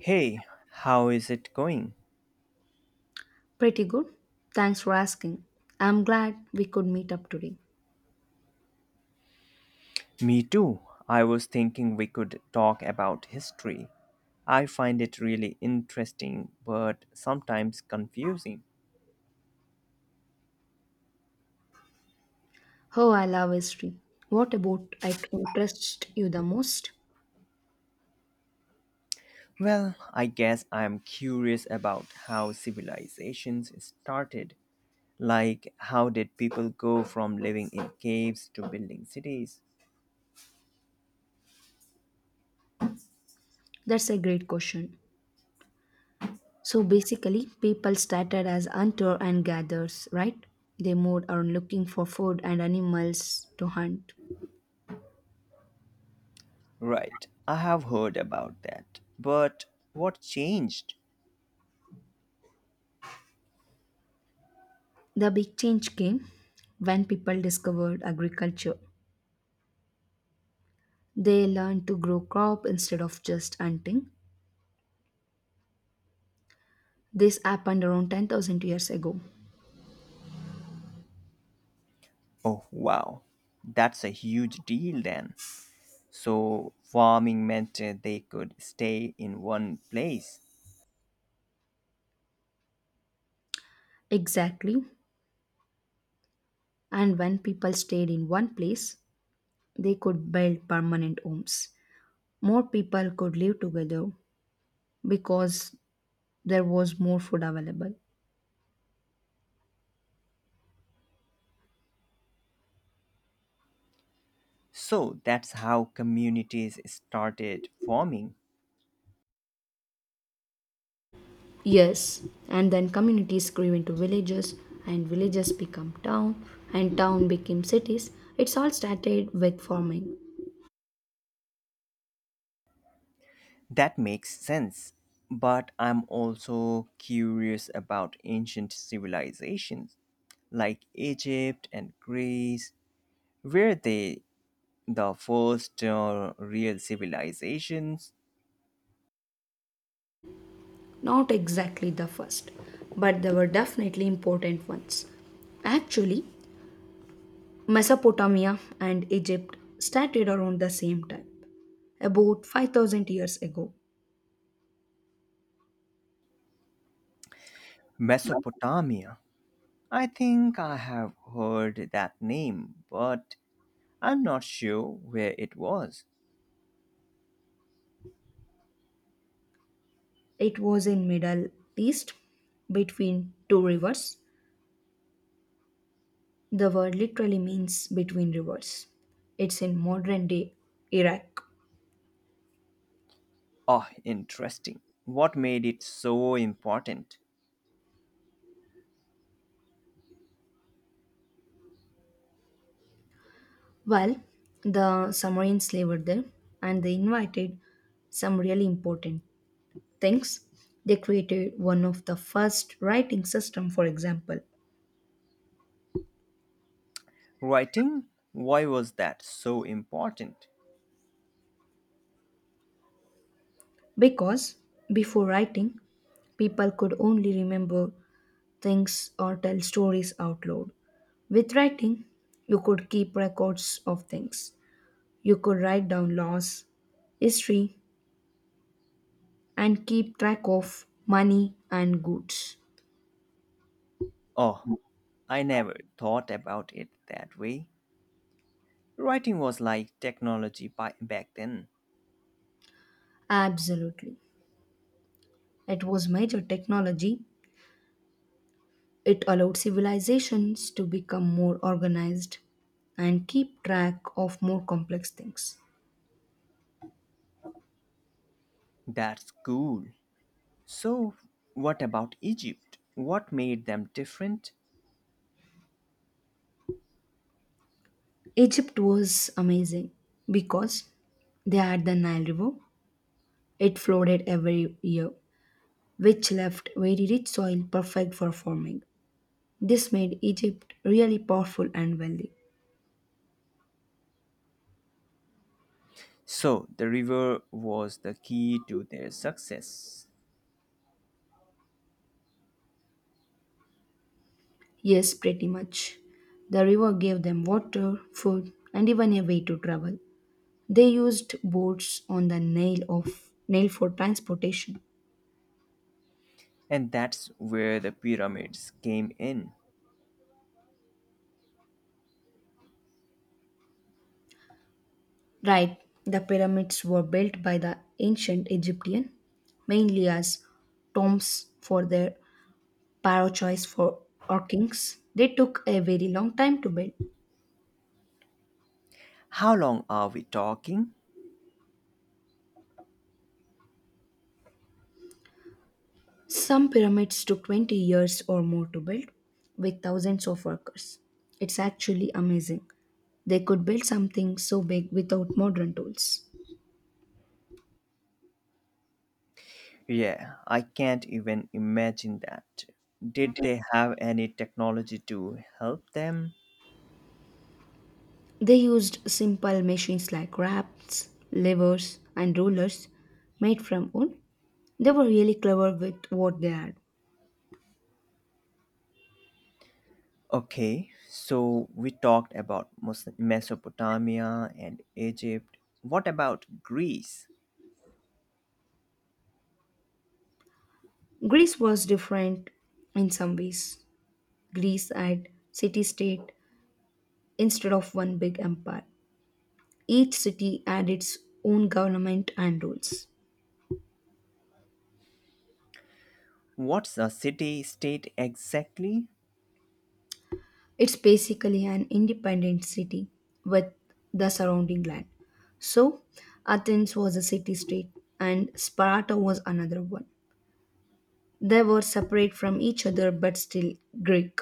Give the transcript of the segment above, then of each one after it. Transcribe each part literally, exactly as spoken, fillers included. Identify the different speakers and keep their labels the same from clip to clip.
Speaker 1: Hey, how is it going?
Speaker 2: Pretty good. Thanks for asking. I'm glad we could meet up today.
Speaker 1: Me too. I was thinking we could talk about history. I find it really interesting but sometimes confusing.
Speaker 2: Oh, I love history. What about it interests you the most?
Speaker 1: Well, I guess I'm curious about how civilizations started. Like, how did people go from living in caves to building cities?
Speaker 2: That's a great question. So basically, people started as hunter and gatherers, right? They moved on looking for food and animals to hunt.
Speaker 1: Right, I have heard about that. But what changed?
Speaker 2: The big change came when people discovered agriculture. They learned to grow crop instead of just hunting. This happened around ten thousand years ago.
Speaker 1: Oh, wow. That's a huge deal then. So, farming meant uh, they could stay in one place.
Speaker 2: Exactly. And when people stayed in one place, they could build permanent homes. More people could live together because there was more food available.
Speaker 1: So, that's how communities started forming.
Speaker 2: Yes, and then communities grew into villages, and villages become town, and town became cities. It's all started with farming.
Speaker 1: That makes sense. But I'm also curious about ancient civilizations like Egypt and Greece. Were they the first uh, real civilizations?
Speaker 2: Not exactly the first, but they were definitely important ones. Actually, Mesopotamia and Egypt started around the same time, about five thousand years ago.
Speaker 1: Mesopotamia. I think I have heard that name, but I'm not sure where it was.
Speaker 2: It was in Middle East between two rivers. The word literally means between rivers. It's in modern day Iraq.
Speaker 1: Ah, interesting. What made it so important?
Speaker 2: Well, the Sumerians lived there and they invited some really important things. They created one of the first writing system, for example.
Speaker 1: Writing? Why was that so important?
Speaker 2: Because before writing, people could only remember things or tell stories out loud. With writing, you could keep records of things. You could write down laws, history, and keep track of money and goods.
Speaker 1: Oh, I never thought about it that way. Writing was like technology by, back then.
Speaker 2: Absolutely. It was major technology. It allowed civilizations to become more organized and keep track of more complex things.
Speaker 1: That's cool. So, what about Egypt? What made them different?
Speaker 2: Egypt was amazing because they had the Nile River. It flooded every year, which left very rich soil perfect for farming. This made Egypt really powerful and wealthy.
Speaker 1: So, the river was the key to their success.
Speaker 2: Yes, pretty much. The river gave them water, food, and even a way to travel. They used boats on the Nile of Nile for transportation.
Speaker 1: And that's where the pyramids came in.
Speaker 2: Right, the pyramids were built by the ancient Egyptian mainly as tombs for their Parochoice for Orkings. They took a very long time to build.
Speaker 1: How long are we talking?
Speaker 2: Some pyramids took twenty years or more to build with thousands of workers. It's actually amazing. They could build something so big without modern tools.
Speaker 1: Yeah, I can't even imagine that. Did they have any technology to help them?
Speaker 2: They used simple machines like rafts, levers, and rollers made from wood. They were really clever with what they had.
Speaker 1: Okay, so we talked about Mes- Mesopotamia and Egypt. What about Greece?
Speaker 2: Greece was different in some ways. Greece had city state instead of one big empire. Each city had its own government and rules.
Speaker 1: What's a city state exactly?
Speaker 2: It's basically an independent city with the surrounding land. So, Athens was a city state and Sparta was another one. They were separate from each other but still Greek.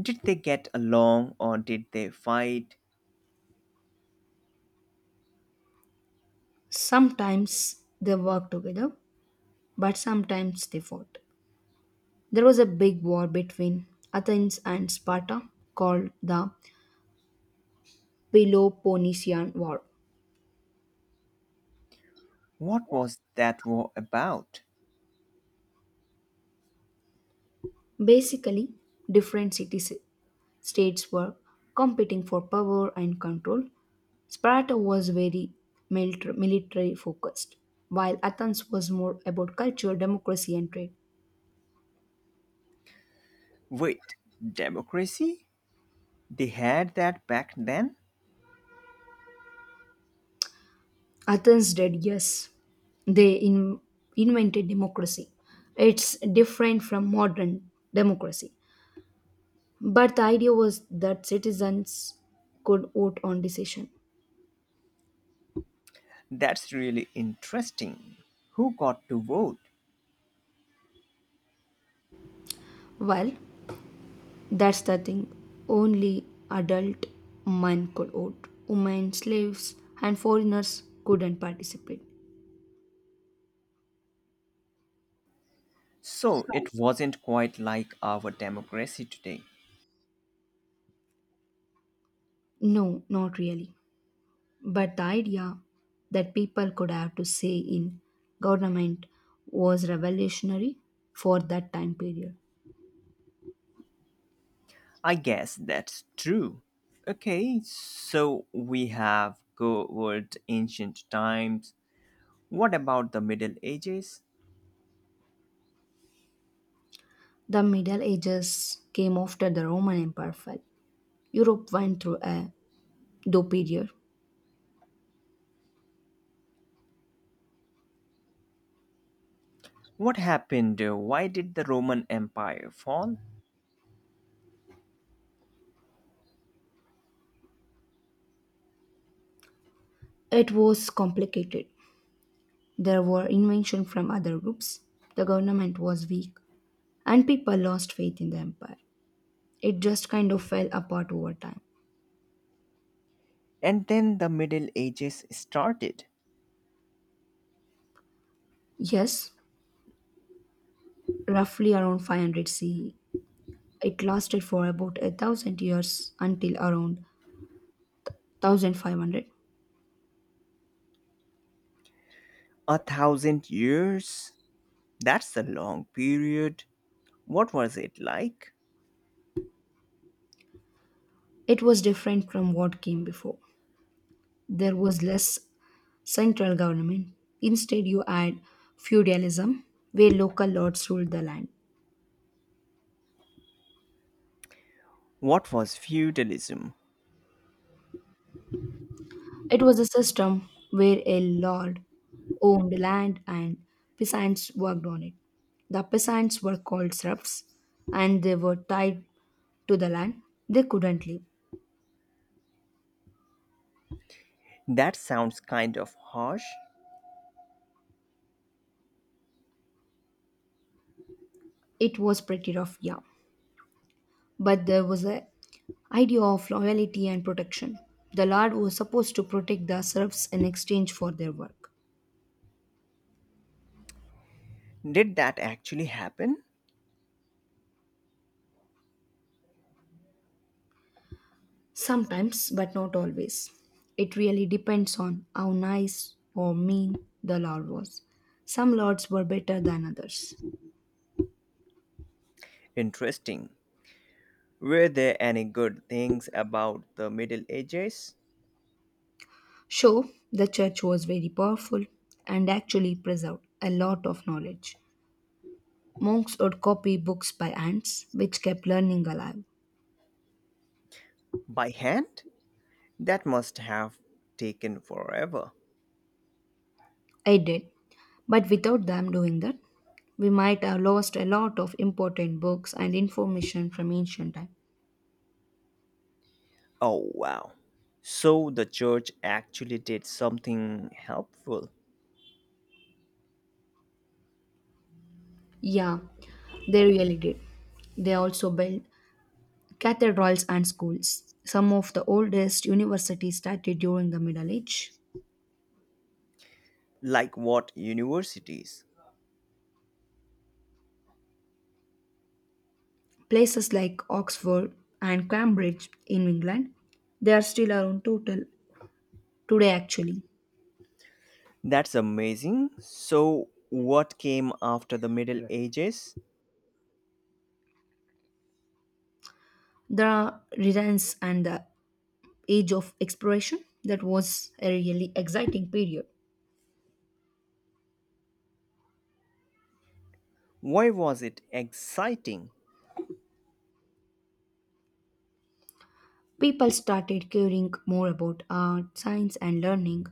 Speaker 1: Did they get along or did they fight?
Speaker 2: Sometimes they worked together, but sometimes they fought. There was a big war between Athens and Sparta called the Peloponnesian War.
Speaker 1: What was that war about?
Speaker 2: Basically, different cities states were competing for power and control. Sparta was very military focused, while Athens was more about culture, democracy, and trade.
Speaker 1: Wait, democracy? They had that back then?
Speaker 2: Athens did, yes. They in- Invented democracy. It's different from modern democracy. But the idea was that citizens could vote on decision.
Speaker 1: That's really interesting. Who got to vote?
Speaker 2: Well, that's the thing. Only adult men could vote. Women, slaves, and foreigners couldn't participate.
Speaker 1: So it wasn't quite like our democracy today.
Speaker 2: No, not really. But the idea that people could have to say in government was revolutionary for that time period.
Speaker 1: I guess that's true. Okay, so we have covered ancient times. What about the Middle Ages?
Speaker 2: The Middle Ages came after the Roman Empire fell. Europe went through a low period.
Speaker 1: What happened? Why did the Roman Empire fall?
Speaker 2: It was complicated. There were inventions from other groups. The government was weak and people lost faith in the empire. It just kind of fell apart over time.
Speaker 1: And then the Middle Ages started.
Speaker 2: Yes, roughly around five hundred C E. It lasted for about a thousand years until around one thousand five hundred.
Speaker 1: A thousand years? That's a long period. What was it like?
Speaker 2: It was different from what came before. There was less central government. Instead, you had feudalism, where local lords ruled the land.
Speaker 1: What was feudalism?
Speaker 2: It was a system where a lord owned land and peasants worked on it. The peasants were called serfs and they were tied to the land. They couldn't leave.
Speaker 1: That sounds kind of harsh.
Speaker 2: It was pretty rough, yeah. But there was a idea of loyalty and protection. The lord was supposed to protect the serfs in exchange for their work.
Speaker 1: Did that actually happen?
Speaker 2: Sometimes, but not always. It really depends on how nice or mean the Lord was. Some lords were better than others.
Speaker 1: Interesting. Were there any good things about the Middle Ages?
Speaker 2: So, the church was very powerful and actually preserved a lot of knowledge. Monks would copy books by ants, which kept learning alive.
Speaker 1: By hand? That must have taken forever.
Speaker 2: I did, but without them doing that, we might have lost a lot of important books and information from ancient time.
Speaker 1: Oh, wow. So the church actually did something helpful.
Speaker 2: Yeah, they really did. They also built cathedrals and schools, some of the oldest universities started during the Middle Age.
Speaker 1: Like what universities?
Speaker 2: Places like Oxford and Cambridge in England, they are still around total today actually.
Speaker 1: That's amazing. So, what came after the Middle Ages?
Speaker 2: The Renaissance and the Age of Exploration, that was a really exciting period.
Speaker 1: Why was it exciting?
Speaker 2: People started caring more about art, science, and learning.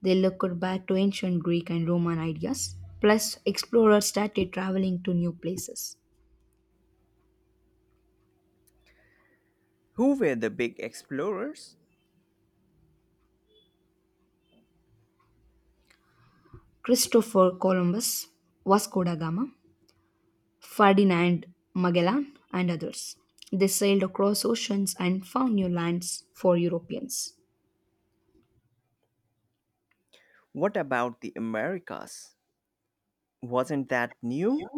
Speaker 2: They looked back to ancient Greek and Roman ideas. Plus, explorers started traveling to new places.
Speaker 1: Who were the big explorers?
Speaker 2: Christopher Columbus, Vasco da Gama, Ferdinand Magellan, and others. They sailed across oceans and found new lands for Europeans.
Speaker 1: What about the Americas? Wasn't that new?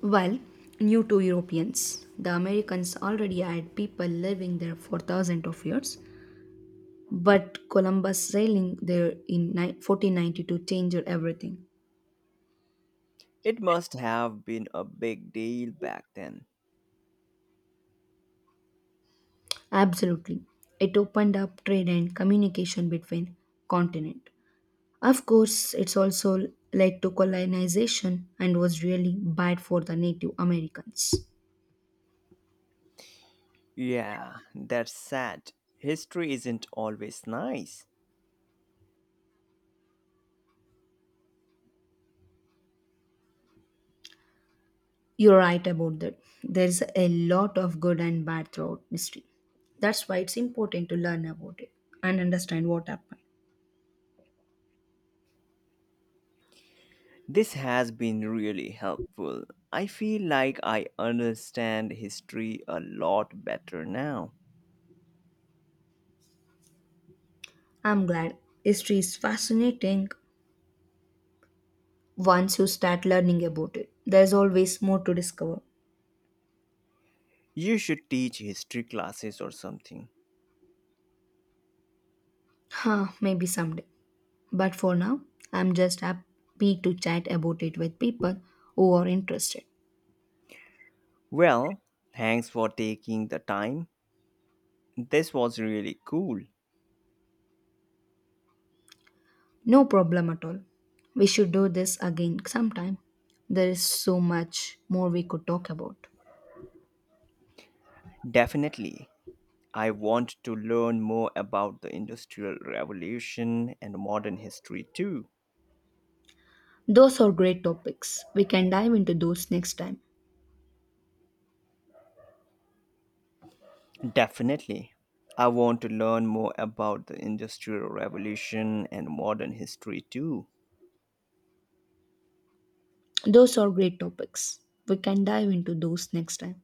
Speaker 2: While new to Europeans, the Americans already had people living there for thousands of years, but Columbus sailing there in fourteen ninety-two changed everything.
Speaker 1: It must have been a big deal back then.
Speaker 2: Absolutely. It opened up trade and communication between continent. Of course, it's also led to colonization and was really bad for the Native Americans.
Speaker 1: Yeah, that's sad. History isn't always nice.
Speaker 2: You're right about that. There's a lot of good and bad throughout history. That's why it's important to learn about it and understand what happened.
Speaker 1: This has been really helpful. I feel like I understand history a lot better now.
Speaker 2: I'm glad. History is fascinating once you start learning about it. There's always more to discover.
Speaker 1: You should teach history classes or something.
Speaker 2: Huh, maybe someday. But for now, I'm just happy to chat about it with people who are interested.
Speaker 1: Well, thanks for taking the time. This was really cool.
Speaker 2: No problem at all. We should do this again sometime. There is so much more we could talk about.
Speaker 1: Definitely. I want to learn more about the Industrial Revolution and modern history too.
Speaker 2: Those are great topics. We can dive into those next time.
Speaker 1: Definitely. I want to learn more about the Industrial Revolution and modern history too.
Speaker 2: Those are great topics. We can dive into those next time.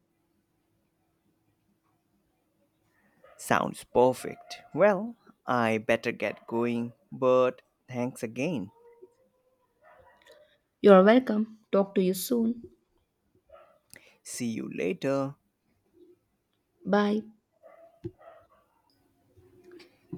Speaker 1: Sounds perfect. Well, I better get going, but thanks again.
Speaker 2: You're welcome. Talk to you soon.
Speaker 1: See you later.
Speaker 2: Bye.